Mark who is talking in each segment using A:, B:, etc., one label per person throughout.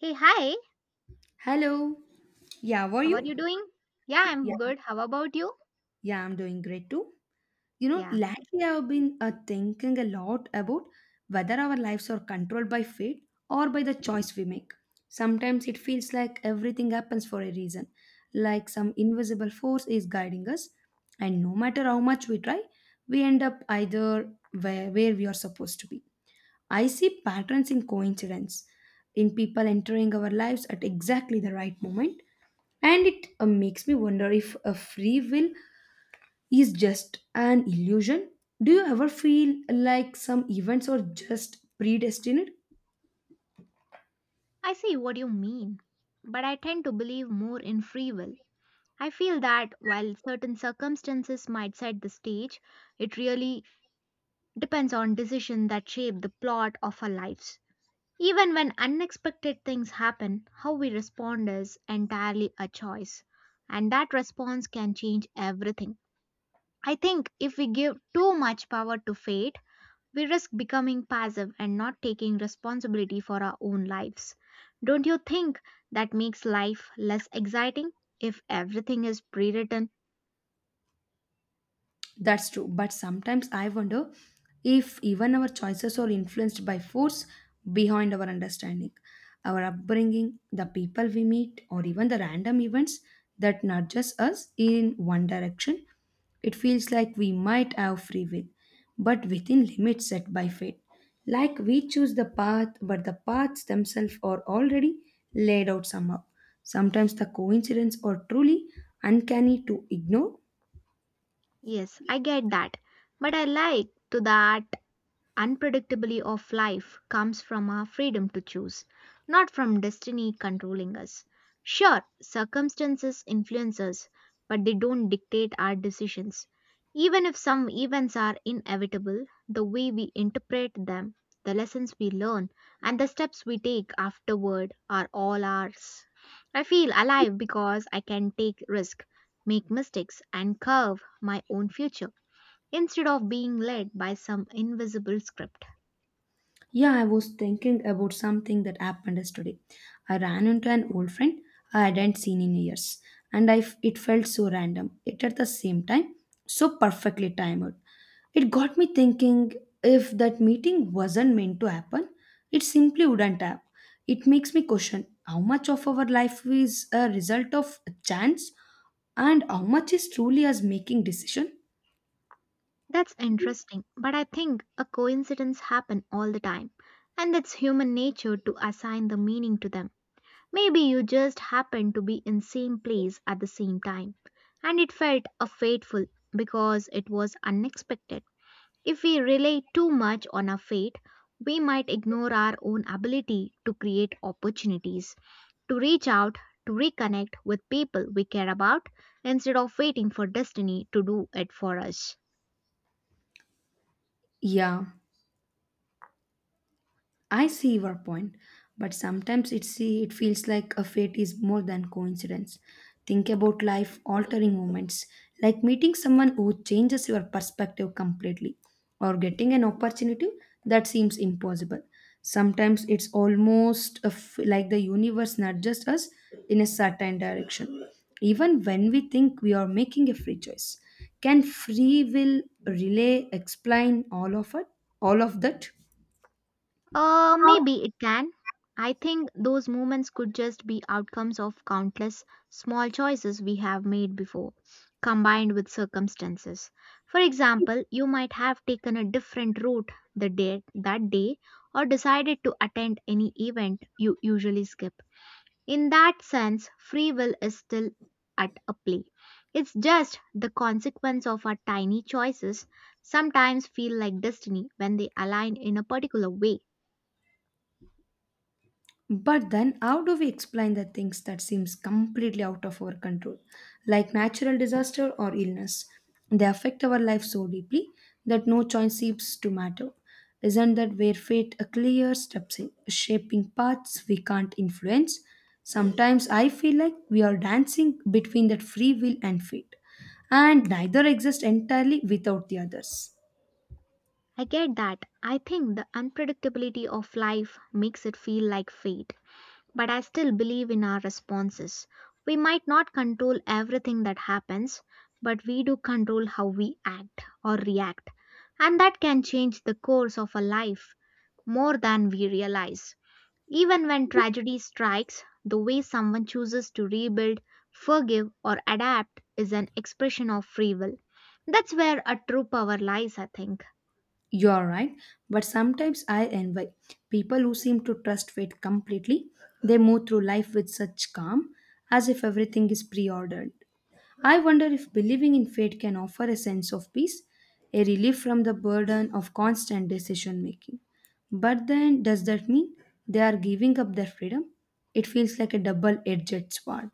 A: Hey, hi.
B: Hello. Yeah, were
A: How are
B: you?
A: you doing? Yeah,
B: Yeah,
A: I'm good. How about you?
B: yeah, I'm doing great too. You know,
A: Yeah,
B: lately I've been thinking a lot about whether our lives are controlled by fate or by the choice we make. Sometimes it feels like everything happens for a reason, like some invisible force is guiding us, and no matter how much we try, we end up either where we are supposed to be. I see patterns in coincidence, in people entering our lives at exactly the right moment and it makes me wonder if a free will is just an illusion. Do you ever feel like some events are just predestined?
A: I see what you mean. But I tend to believe more in free will. I feel that while certain circumstances might set the stage, it really depends on decisions that shape the plot of our lives. Even when unexpected things happen, how we respond is entirely a choice. And that response can change everything. I think if we give too much power to fate, we risk becoming passive and not taking responsibility for our own lives. Don't you think that makes life less exciting if everything is pre written?
B: That's true, but sometimes I wonder if even our choices are influenced by force behind our understanding, our upbringing, the people we meet, or even the random events that nudges us in one direction. It feels like we might have free will, but within limits set by fate. Like we choose the path, but the paths themselves are already laid out somehow. Sometimes the coincidence are truly uncanny to ignore.
A: Yes, I get that. But I like to that unpredictability of life comes from our freedom to choose, not from destiny controlling us. Sure, circumstances influence us, but they don't dictate our decisions. Even if some events are inevitable, the way we interpret them, the lessons we learn, and the steps we take afterward are all ours. I feel alive because I can take risk, make mistakes, and curve my own future instead of being led by some invisible script.
B: Yeah, I was thinking about something that happened yesterday. I ran into an old friend I hadn't seen in years, and it felt so random. It at the same time, so perfectly timed. It got me thinking if that meeting wasn't meant to happen, it simply wouldn't have. It makes me question how much of our life is a result of chance and how much is truly us making decision.
A: That's interesting, but I think a coincidence happen all the time, and it's human nature to assign the meaning to them. Maybe you just happened to be in same place at the same time, and it felt a fateful because it was unexpected. If we rely too much on our fate, we might ignore our own ability to create opportunities, to reach out, to reconnect with people we care about instead of waiting for destiny to do it for us.
B: Yeah. I see your point, but sometimes it feels like a fate is more than coincidence. Think about life altering moments, like meeting someone who changes your perspective completely, or getting an opportunity that seems impossible. Sometimes it's almost like the universe nudges us in a certain direction, even when we think we are making a free choice. Can free will relay explain all of that?
A: Maybe it can. I think those moments could just be outcomes of countless small choices we have made before, combined with circumstances. For example, you might have taken a different route that day or decided to attend any event you usually skip. In that sense, free will is still at a play. It's just the consequence of our tiny choices sometimes feel like destiny when they align in a particular way.
B: But then, how do we explain the things that seems completely out of our control, like natural disaster or illness? They affect our life so deeply that no choice seems to matter. Isn't that where fate a clear steps in, shaping paths we can't influence? Sometimes I feel like we are dancing between that free will and fate, and neither exist entirely without the others.
A: I get that. I think the unpredictability of life makes it feel like fate, but I still believe in our responses. We might not control everything that happens, but we do control how we act or react, and that can change the course of a life more than we realize. Even when tragedy strikes, the way someone chooses to rebuild, forgive, or adapt is an expression of free will. That's where a true power lies, I think.
B: You are right, but sometimes I envy people who seem to trust fate completely. They move through life with such calm, as if everything is pre ordered. I wonder if believing in fate can offer a sense of peace, a relief from the burden of constant decision making. But then, does that mean they are giving up their freedom? It feels like a double edged sword.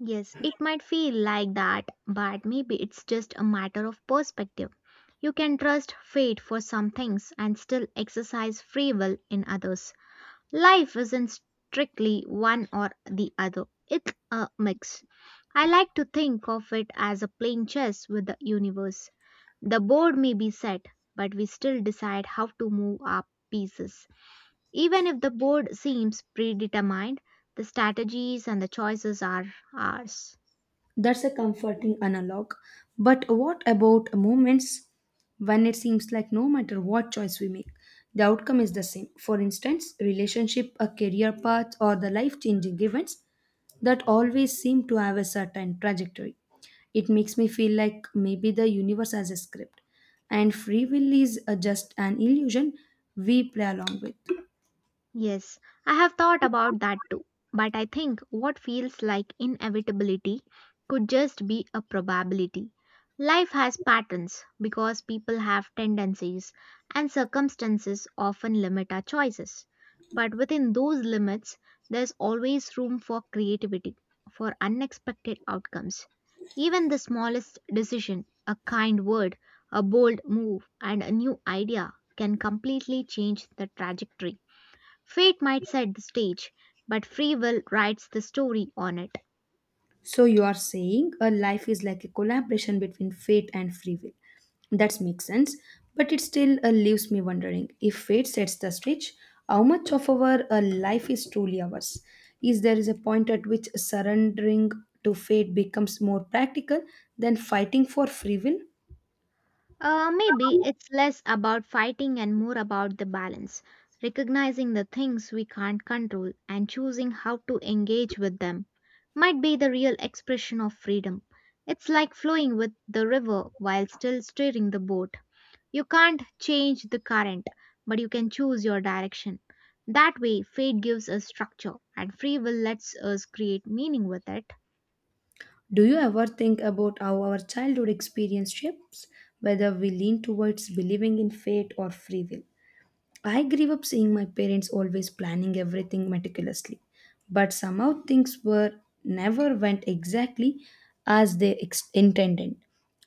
A: Yes, it might feel like that, but maybe it's just a matter of perspective. You can trust fate for some things and still exercise free will in others. Life isn't strictly one or the other, it's a mix. I like to think of it as a playing chess with the universe. The board may be set, but we still decide how to move our pieces. Even if the board seems predetermined, the strategies and the choices are ours.
B: That's a comforting analog. But what about moments when it seems like no matter what choice we make, the outcome is the same? For instance, relationship, a career path, or the life changing events that always seem to have a certain trajectory. It makes me feel like maybe the universe has a script, and free will is just an illusion we play along with.
A: Yes, I have thought about that too. But I think what feels like inevitability could just be a probability. Life has patterns because people have tendencies, and circumstances often limit our choices. But within those limits, there's always room for creativity, for unexpected outcomes. Even the smallest decision, a kind word, a bold move, and a new idea can completely change the trajectory. Fate might set the stage, but free will writes the story on it.
B: So you are saying a life is like a collaboration between fate and free will. That makes sense, but it still leaves me wondering if fate sets the stage, how much of our life is truly ours? Is there is a point at which surrendering to fate becomes more practical than fighting for free will?
A: Maybe it's less about fighting and more about the balance, recognizing the things we can't control and choosing how to engage with them. Might be the real expression of freedom. It's like flowing with the river while still steering the boat. You can't change the current, but you can choose your direction. That way, fate gives us structure, and free will lets us create meaning with it.
B: Do you ever think about how our childhood experience shapes whether we lean towards believing in fate or free will? I grew up seeing my parents always planning everything meticulously, but somehow things were never went exactly as intended.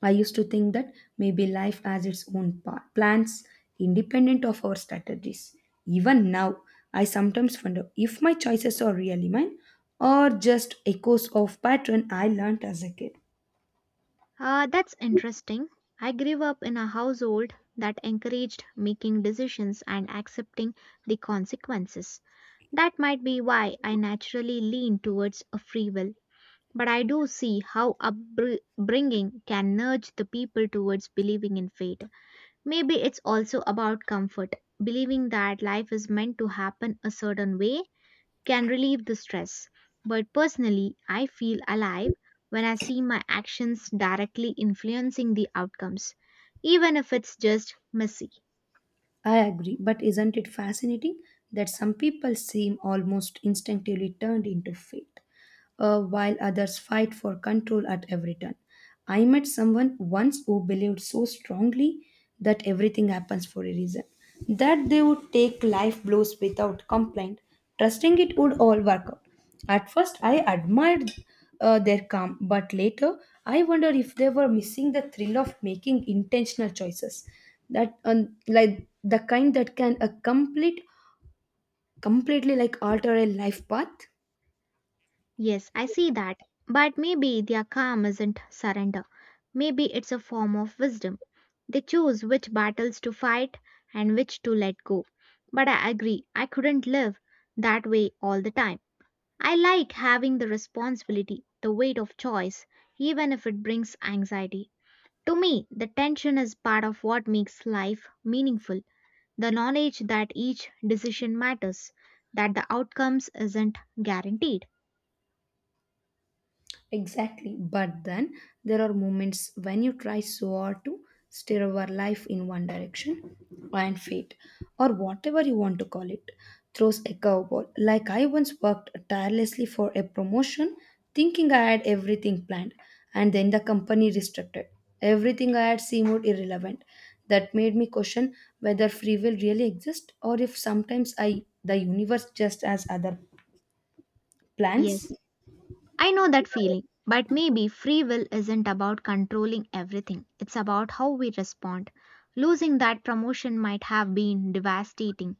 B: I used to think that maybe life has its own plans independent of our strategies. Even now, I sometimes wonder if my choices are really mine or just echoes of pattern I learnt as a kid.
A: That's interesting. I grew up in a household that encouraged making decisions and accepting the consequences. That might be why I naturally lean towards a free will. But I do see how upbringing can nudge the people towards believing in fate. Maybe it's also about comfort, believing that life is meant to happen a certain way can relieve the stress. But personally, I feel alive when I see my actions directly influencing the outcomes, even if it's just messy.
B: I agree, but isn't it fascinating that some people seem almost instinctively turned into fate, while others fight for control at every turn? I met someone once who believed so strongly that everything happens for a reason, that they would take life blows without complaint, trusting it would all work out. At first, I admired their calm, but later, I wondered if they were missing the thrill of making intentional choices like the kind that can completely like alter a life path.
A: Yes, I see that. But maybe their calm isn't surrender. Maybe it's a form of wisdom. They choose which battles to fight and which to let go. But I agree, I couldn't live that way all the time. I like having the responsibility, the weight of choice, even if it brings anxiety. To me, the tension is part of what makes life meaningful. The knowledge that each decision matters, that the outcomes isn't guaranteed.
B: Exactly. But then there are moments when you try so hard to steer our life in one direction and fate, or whatever you want to call it, throws a curveball. Like I once worked tirelessly for a promotion, thinking I had everything planned, and then the company restricted. Everything I had seemed irrelevant. That made me question whether free will really exists or if sometimes I the universe just has other
A: Yes,
B: plans.
A: I know that feeling, but maybe free will isn't about controlling everything. It's about how we respond. Losing that promotion might have been devastating,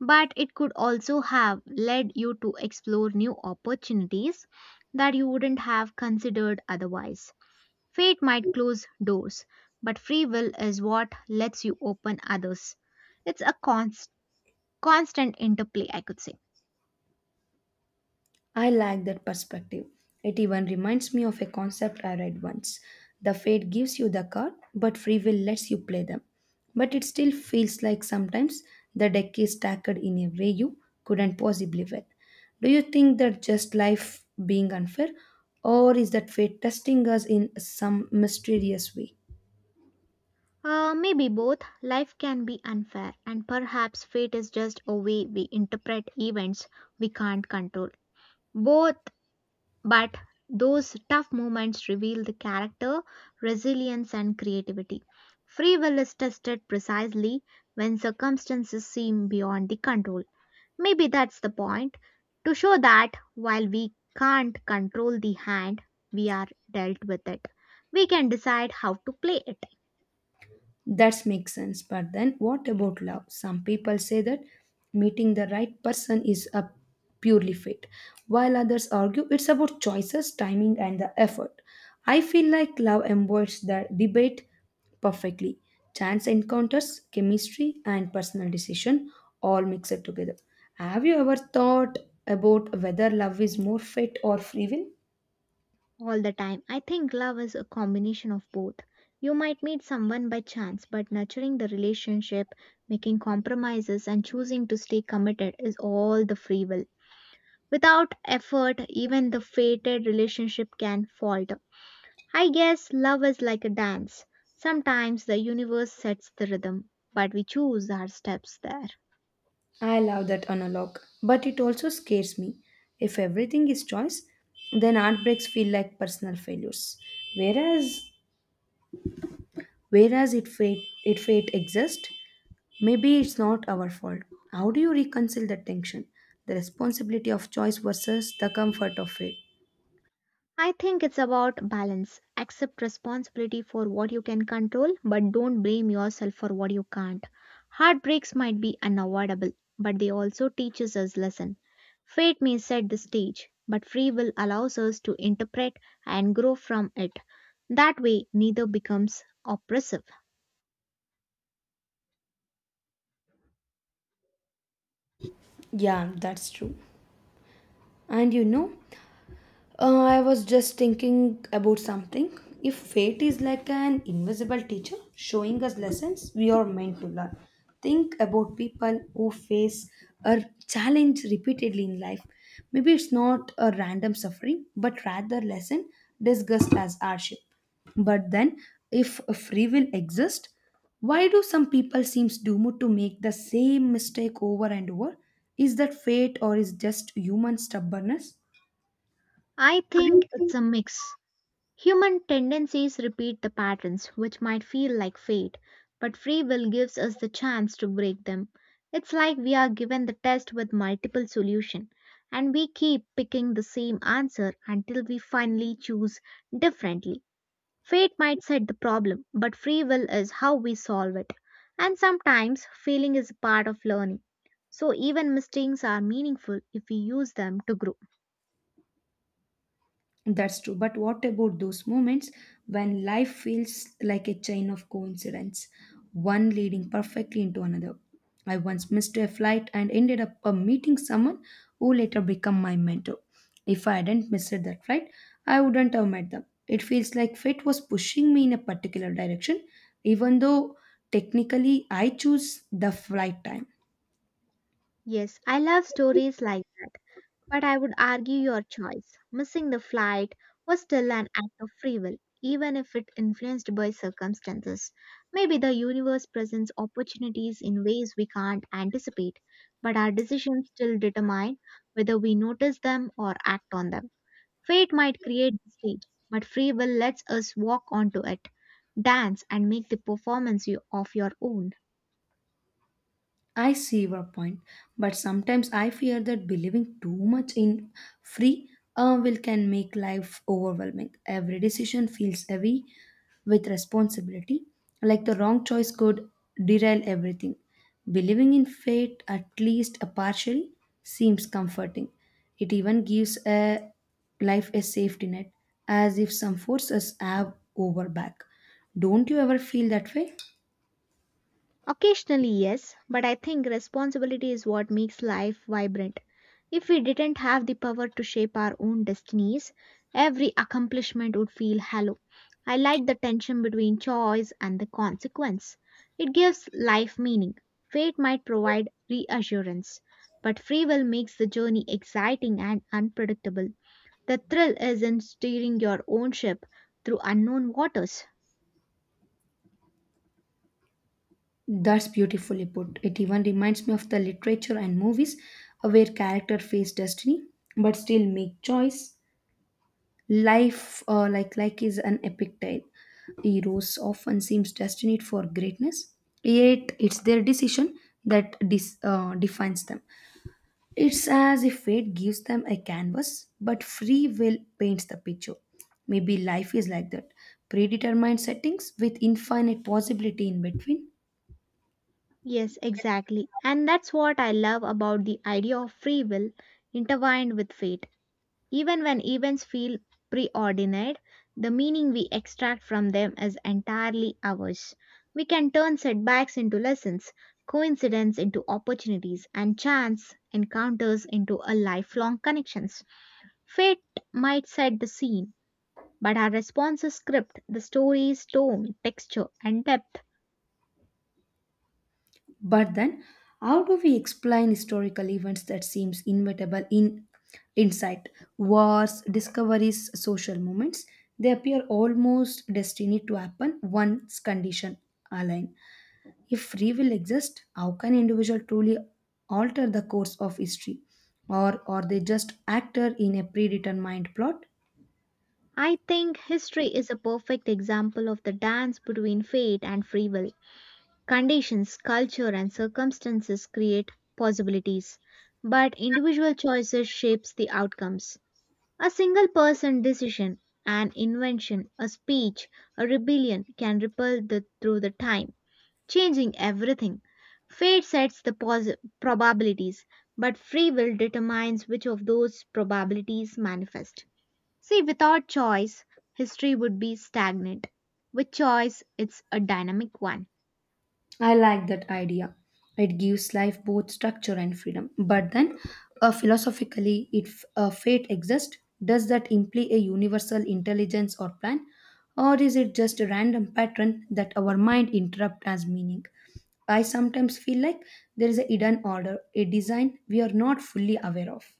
A: but it could also have led you to explore new opportunities that you wouldn't have considered otherwise. Fate might close doors, but free will is what lets you open others. It's a constant interplay, I could say.
B: I like that perspective. It even reminds me of a concept I read once. The fate gives you the card, but free will lets you play them. But it still feels like sometimes the deck is stacked in a way you couldn't possibly win. Do you think that just life being unfair, or is that fate testing us in some mysterious way?
A: Maybe both. Life can be unfair, and perhaps fate is just a way we interpret events we can't control. Both, but those tough moments reveal the character, resilience, and creativity. Free will is tested precisely when circumstances seem beyond the control. Maybe that's the point to show that while we can't control the hand we are dealt with it, we can decide how to play it
B: That makes sense. But then what about love? Some people say that meeting the right person is a purely fate, while others argue it's about choices, timing, and the effort. I feel like love embodies the debate perfectly. Chance encounters, chemistry, and personal decision all mix it together. Have you ever thought about whether love is more fate or free will?
A: all the time. I think love is a combination of both. You might meet someone by chance, but nurturing the relationship, making compromises, and choosing to stay committed is all the free will. Without effort, even the fated relationship can falter. I guess love is like a dance. Sometimes the universe sets the rhythm, but we choose our steps there.
B: I love that analog, but it also scares me. If everything is choice, then art breaks feel like personal failures. Whereas, whereas it fate exists, maybe it's not our fault. How do you reconcile that tension, the responsibility of choice versus the comfort of fate?
A: I think it's about balance. Accept responsibility for what you can control, but don't blame yourself for what you can't. Heartbreaks might be unavoidable, but they also teaches us lesson. Fate may set the stage, but free will allows us to interpret and grow from it. That way, neither becomes oppressive.
B: Yeah, that's true. And you know, I was just thinking about something. If fate is like an invisible teacher showing us lessons we are meant to learn, think about people who face a challenge repeatedly in life. Maybe it's not a random suffering, but rather lesson discussed as hardship. But then, if a free will exists, why do some people seems doomed to make the same mistake over and over? Is that fate or is just human stubbornness?
A: I
B: I think
A: think it's a mix. Human tendencies repeat the patterns, which might feel like fate, but free will gives us the chance to break them. It's like we are given the test with multiple solutions, and we keep picking the same answer until we finally choose differently. Fate might set the problem, but free will is how we solve it. And sometimes failing is a part of learning. So even mistakes are meaningful if we use them to grow.
B: That's true. But what about those moments when life feels like a chain of coincidence, one leading perfectly into another? I once missed a flight and ended up meeting someone who later became my mentor. If I hadn't missed that flight, I wouldn't have met them. It feels like fate was pushing me in a particular direction, even though technically I choose the flight time.
A: Yes, I love stories like that. But I would argue your choice, missing the flight, was still an act of free will, even if it influenced by circumstances. Maybe the universe presents opportunities in ways we can't anticipate, but our decisions still determine whether we notice them or act on them. Fate might create the stage, but free will lets us walk onto it, dance, and make the performance of your own.
B: I see your point, but sometimes I fear that believing too much in free will can make life overwhelming. Every decision feels heavy with responsibility, like the wrong choice could derail everything. Believing in fate, at least a partially, seems comforting. It even gives a life a safety net, as if some forces have over back. Don't you ever feel that way?
A: Occasionally, yes, but I think responsibility is what makes life vibrant. If we didn't have the power to shape our own destinies, every accomplishment would feel hollow. I like the tension between choice and the consequence. It gives life meaning. Fate might provide reassurance, but free will makes the journey exciting and unpredictable. The thrill is in steering your own ship through unknown waters.
B: That's beautifully put. It even reminds me of the literature and movies where character face destiny but still make choice. Life, like, is an epic tale. Heroes often seems destined for greatness, yet it's their decision that defines them. It's as if fate gives them a canvas, but free will paints the picture. Maybe life is like that, predetermined settings with infinite possibility in between.
A: Yes, exactly. And that's what I love about the idea of free will intertwined with fate. Even when events feel preordained, the meaning we extract from them is entirely ours. We can turn setbacks into lessons, coincidence into opportunities, and chance encounters into a lifelong connections. Fate might set the scene, but our responses script the story's tone, texture, and depth.
B: But then, how do we explain historical events that seems inevitable in insight? Wars, discoveries, social movements, they appear almost destined to happen once condition align. If free will exists, how can individual truly alter the course of history? Or are they just actor in a predetermined plot?
A: I think history is a perfect example of the dance between fate and free will. Conditions, culture, and circumstances create possibilities, but individual choices shapes the outcomes. A single person decision, an invention, a speech, a rebellion can ripple through the time, changing everything. Fate sets the probabilities, but free will determines which of those probabilities manifest. See, without choice, history would be stagnant. With choice, it's a dynamic one.
B: I like that idea. It gives life both structure and freedom. But then, philosophically, if fate exists, does that imply a universal intelligence or plan? Or is it just a random pattern that our mind interprets as meaning? I sometimes feel like there is a hidden order, a design we are not fully aware of.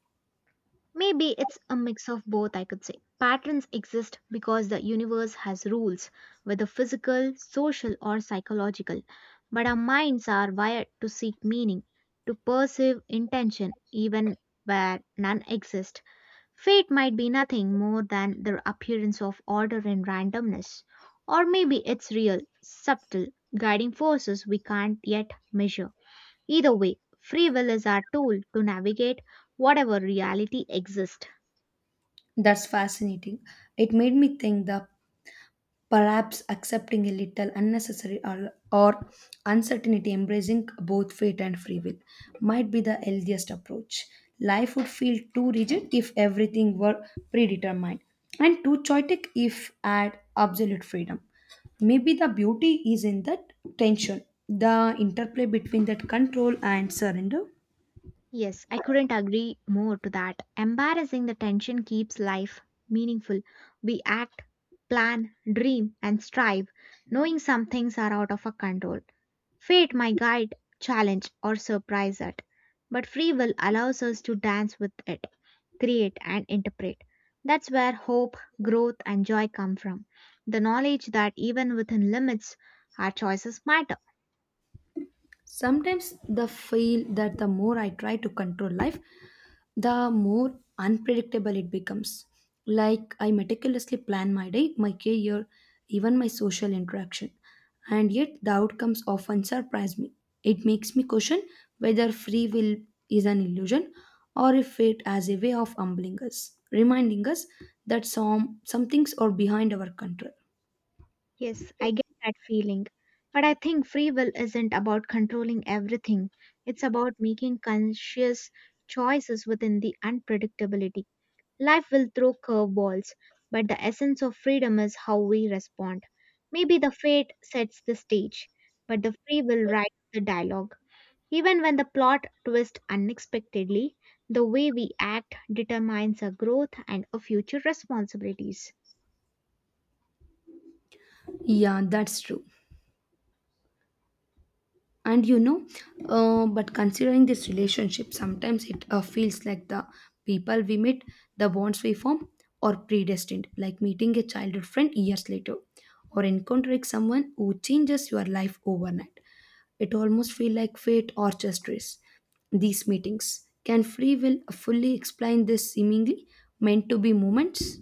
A: Maybe it's a mix of both, I could say. Patterns exist because the universe has rules, whether physical, social, or psychological. But our minds are wired to seek meaning, to perceive intention, even where none exists. Fate might be nothing more than the appearance of order and randomness, or maybe it's real, subtle, guiding forces we can't yet measure. Either way, free will is our tool to navigate whatever reality exists.
B: That's fascinating. It made me think the perhaps accepting a little unnecessary or uncertainty, embracing both fate and free will, might be the healthiest approach. Life would feel too rigid if everything were predetermined, and too chaotic if had absolute freedom. Maybe the beauty is in that tension, the interplay between that control and surrender.
A: Yes, I couldn't agree more to that. Embarrassing the tension keeps life meaningful. We act, plan, dream, and strive, knowing some things are out of our control. Fate might guide, challenge, or surprise us, but free will allows us to dance with it, create, and interpret. That's where hope, growth, and joy come from. The knowledge that even within limits, our choices matter.
B: Sometimes the feel that the more I try to control life, the more unpredictable it becomes. Like I meticulously plan my day, my career, even my social interaction, and yet the outcomes often surprise me. It makes me question whether free will is an illusion or if it as a way of humbling us, reminding us that some things are behind our control.
A: Yes, I get that feeling. But I think free will isn't about controlling everything, it's about making conscious choices within the unpredictability. Life will throw curveballs, but the essence of freedom is how we respond. Maybe the fate sets the stage, but the free will write the dialogue. Even when the plot twists unexpectedly, the way we act determines our growth and our future responsibilities.
B: Yeah, that's true. And you know But considering this relationship, sometimes it feels like the people we meet, the bonds we form are predestined, like meeting a childhood friend years later, or encountering someone who changes your life overnight. It almost feel like fate or just race. These meetings can free will fully explain this seemingly meant to be moments.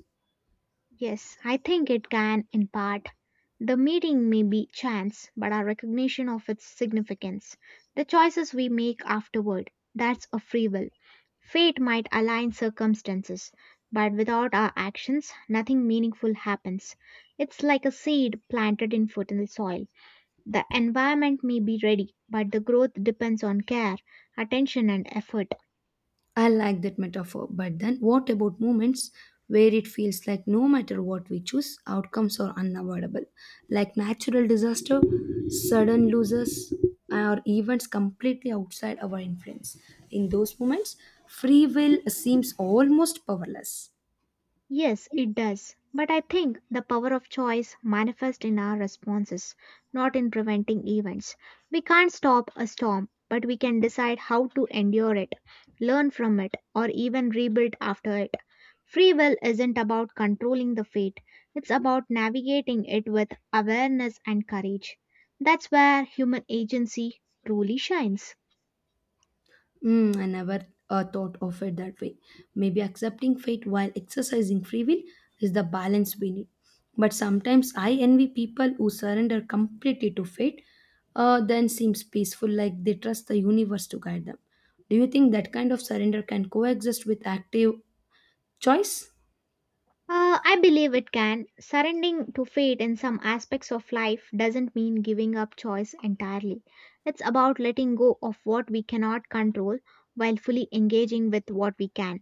A: Yes, I think it can in part. The meeting may be chance, but our recognition of its significance, the choices we make afterward, that's a free will. Fate might align circumstances, but without our actions, nothing meaningful happens. It's like a seed planted in fertile soil. The environment may be ready, but the growth depends on care, attention, and effort.
B: I like that metaphor, but then what about moments where it feels like no matter what we choose, outcomes are unavoidable, like natural disaster, sudden losses, or events completely outside our influence? In those moments, free will seems almost powerless.
A: Yes, it does. But I think the power of choice manifests in our responses, not in preventing events. We can't stop a storm, but we can decide how to endure it, learn from it, or even rebuild after it. Free will isn't about controlling the fate, it's about navigating it with awareness and courage. That's where human agency truly shines.
B: Mm, I never thought of it that way. Maybe accepting fate while exercising free will is the balance we need. But sometimes I envy people who surrender completely to fate, then seems peaceful, like they trust the universe to guide them. Do you think that kind of surrender can coexist with active choice?
A: I believe it can. Surrendering to fate in some aspects of life doesn't mean giving up choice entirely. It's about letting go of what we cannot control while fully engaging with what we can.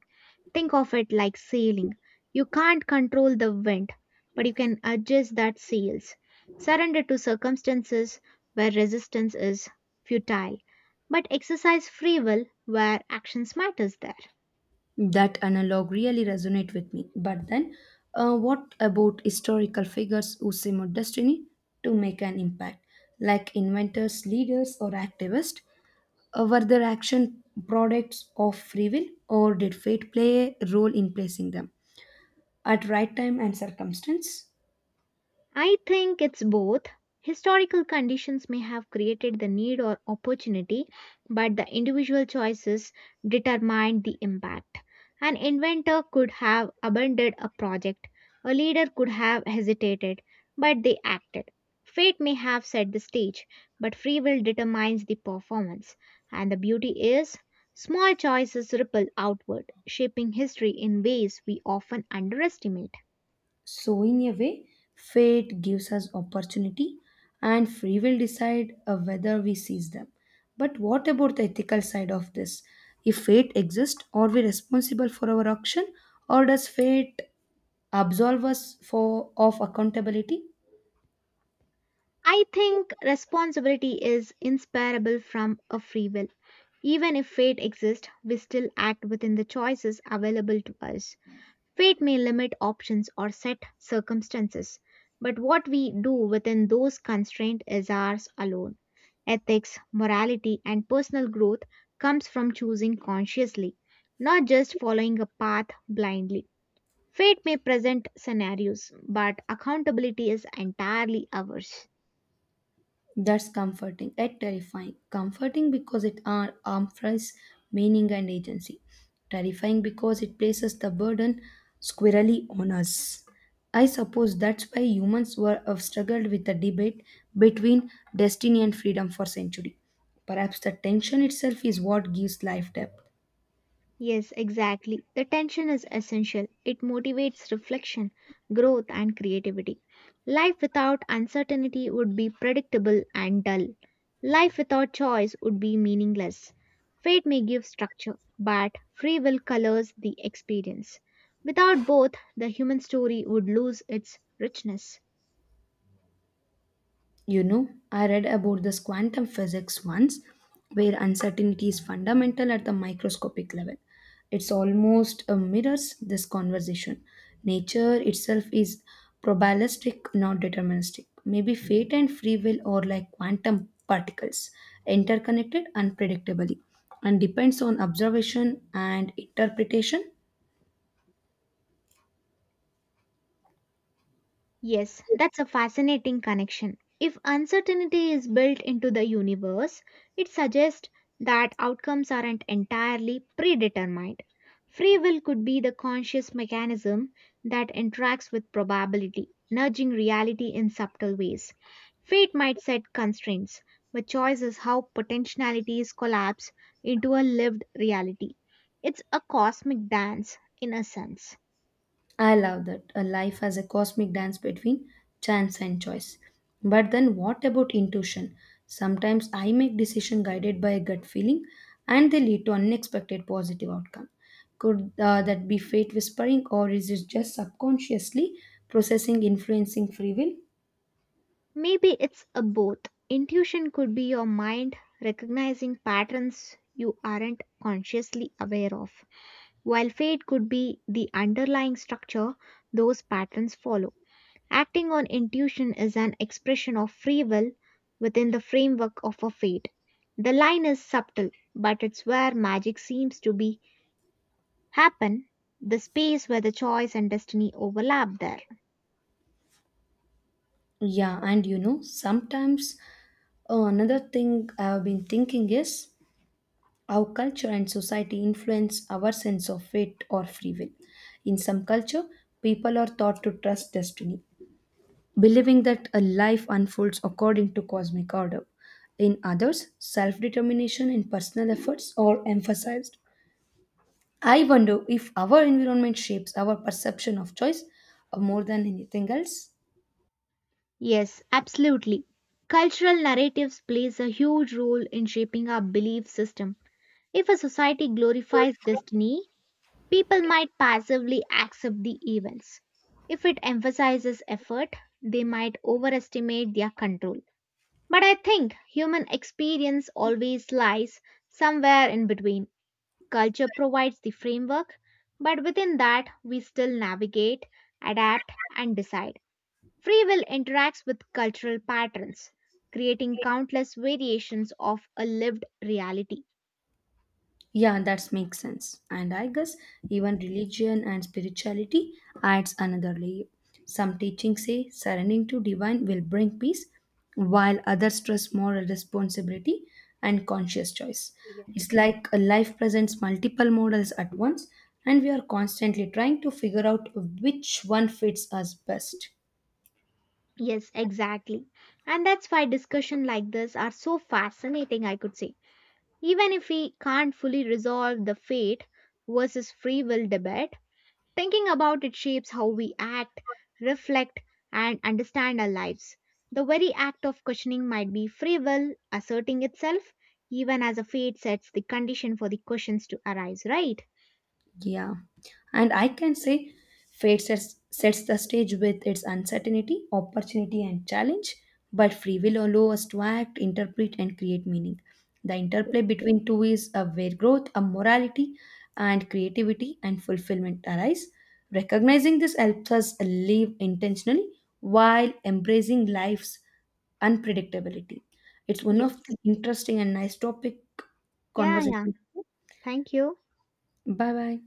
A: Think of it like sailing. You can't control the wind, but you can adjust that sails. Surrender to circumstances where resistance is futile, but exercise free will where actions matters there.
B: That analog really resonate with me. But then, what about historical figures who simulate destiny to make an impact, like inventors, leaders, or activists? Were their action products of free will, or did fate play a role in placing them at right time and circumstance?
A: I think it's both. Historical conditions may have created the need or opportunity, but the individual choices determined the impact. An inventor could have abandoned a project, a leader could have hesitated, but they acted. Fate may have set the stage, but free will determines the performance. And the beauty is, small choices ripple outward, shaping history in ways we often underestimate.
B: So, in a way, fate gives us opportunity, and free will decide whether we seize them. But what about the ethical side of this? If fate exists, are we responsible for our action, or does fate absolve us for of accountability?
A: I think responsibility is inseparable from a free will. Even if fate exists, we still act within the choices available to us. Fate may limit options or set circumstances, but what we do within those constraints is ours alone. Ethics, morality, and personal growth comes from choosing consciously, not just following a path blindly. Fate may present scenarios, but accountability is entirely ours.
B: That's comforting and terrifying. Comforting because it amplifies meaning and agency. Terrifying because it places the burden squarely on us. I suppose that's why humans were have struggled with the debate between destiny and freedom for centuries. Perhaps the tension itself is what gives life depth.
A: Yes, exactly. The tension is essential. It motivates reflection, growth, and creativity. Life without uncertainty would be predictable and dull. Life without choice would be meaningless. Fate may give structure, but free will colors the experience. Without both, the human story would lose its richness.
B: You know, I read about this quantum physics once, where uncertainty is fundamental at the microscopic level. It's almost mirrors this conversation. Nature itself is probabilistic, not deterministic. Maybe fate and free will are like quantum particles, interconnected unpredictably, and depends on observation and interpretation.
A: Yes, that's a fascinating connection. If uncertainty is built into the universe, it suggests that outcomes aren't entirely predetermined. Free will could be the conscious mechanism that interacts with probability, nudging reality in subtle ways. Fate might set constraints, but choice is how potentialities collapse into a lived reality. It's a cosmic dance, in a sense.
B: I love that a life as a cosmic dance between chance and choice. But then what about intuition? Sometimes I make decisions guided by a gut feeling and they lead to unexpected positive outcome. Could that be fate whispering, or is it just subconsciously processing influencing free will?
A: Maybe it's a both. Intuition could be your mind recognizing patterns you aren't consciously aware of, while fate could be the underlying structure those patterns follow. Acting on intuition is an expression of free will within the framework of a fate. The line is subtle, but it's where magic seems to be happen, the space where the choice and destiny overlap there.
B: Yeah, and you know, sometimes another thing I've been thinking is, how culture and society influence our sense of fate or free will. In some culture, people are taught to trust destiny, believing that a life unfolds according to cosmic order. In others, self determination and personal efforts are emphasized. I wonder if our environment shapes our perception of choice more than anything else.
A: Yes, absolutely. Cultural narratives plays a huge role in shaping our belief system. If a society glorifies destiny, people might passively accept the events. If it emphasizes effort, they might overestimate their control. But I think human experience always lies somewhere in between. Culture provides the framework, but within that, we still navigate, adapt, and decide. Free will interacts with cultural patterns, creating countless variations of a lived reality.
B: Yeah, that makes sense. And I guess even religion and spirituality adds another layer. Some teachings say surrendering to divine will bring peace, while others stress moral responsibility and conscious choice.
A: Yeah.
B: It's like a life presents multiple models at once, and we are constantly trying to figure out which one fits us best.
A: Yes, exactly. And that's why discussion like this are so fascinating, I could say. Even if we can't fully resolve the fate versus free will debate, thinking about it shapes how we act, reflect, and understand our lives. The very act of questioning might be free will asserting itself, even as a fate sets the condition for the questions to arise, right?
B: Yeah. And I can say fate sets the stage with its uncertainty, opportunity, and challenge, but free will allows us to act, interpret, and create meaning. The interplay between two is a where growth, a morality, and creativity and fulfillment arise. Recognizing this helps us live intentionally while embracing life's unpredictability. It's one of the
A: Yes.
B: interesting and nice topic
A: Yeah, yeah.
B: conversation.
A: Thank you.
B: Bye bye.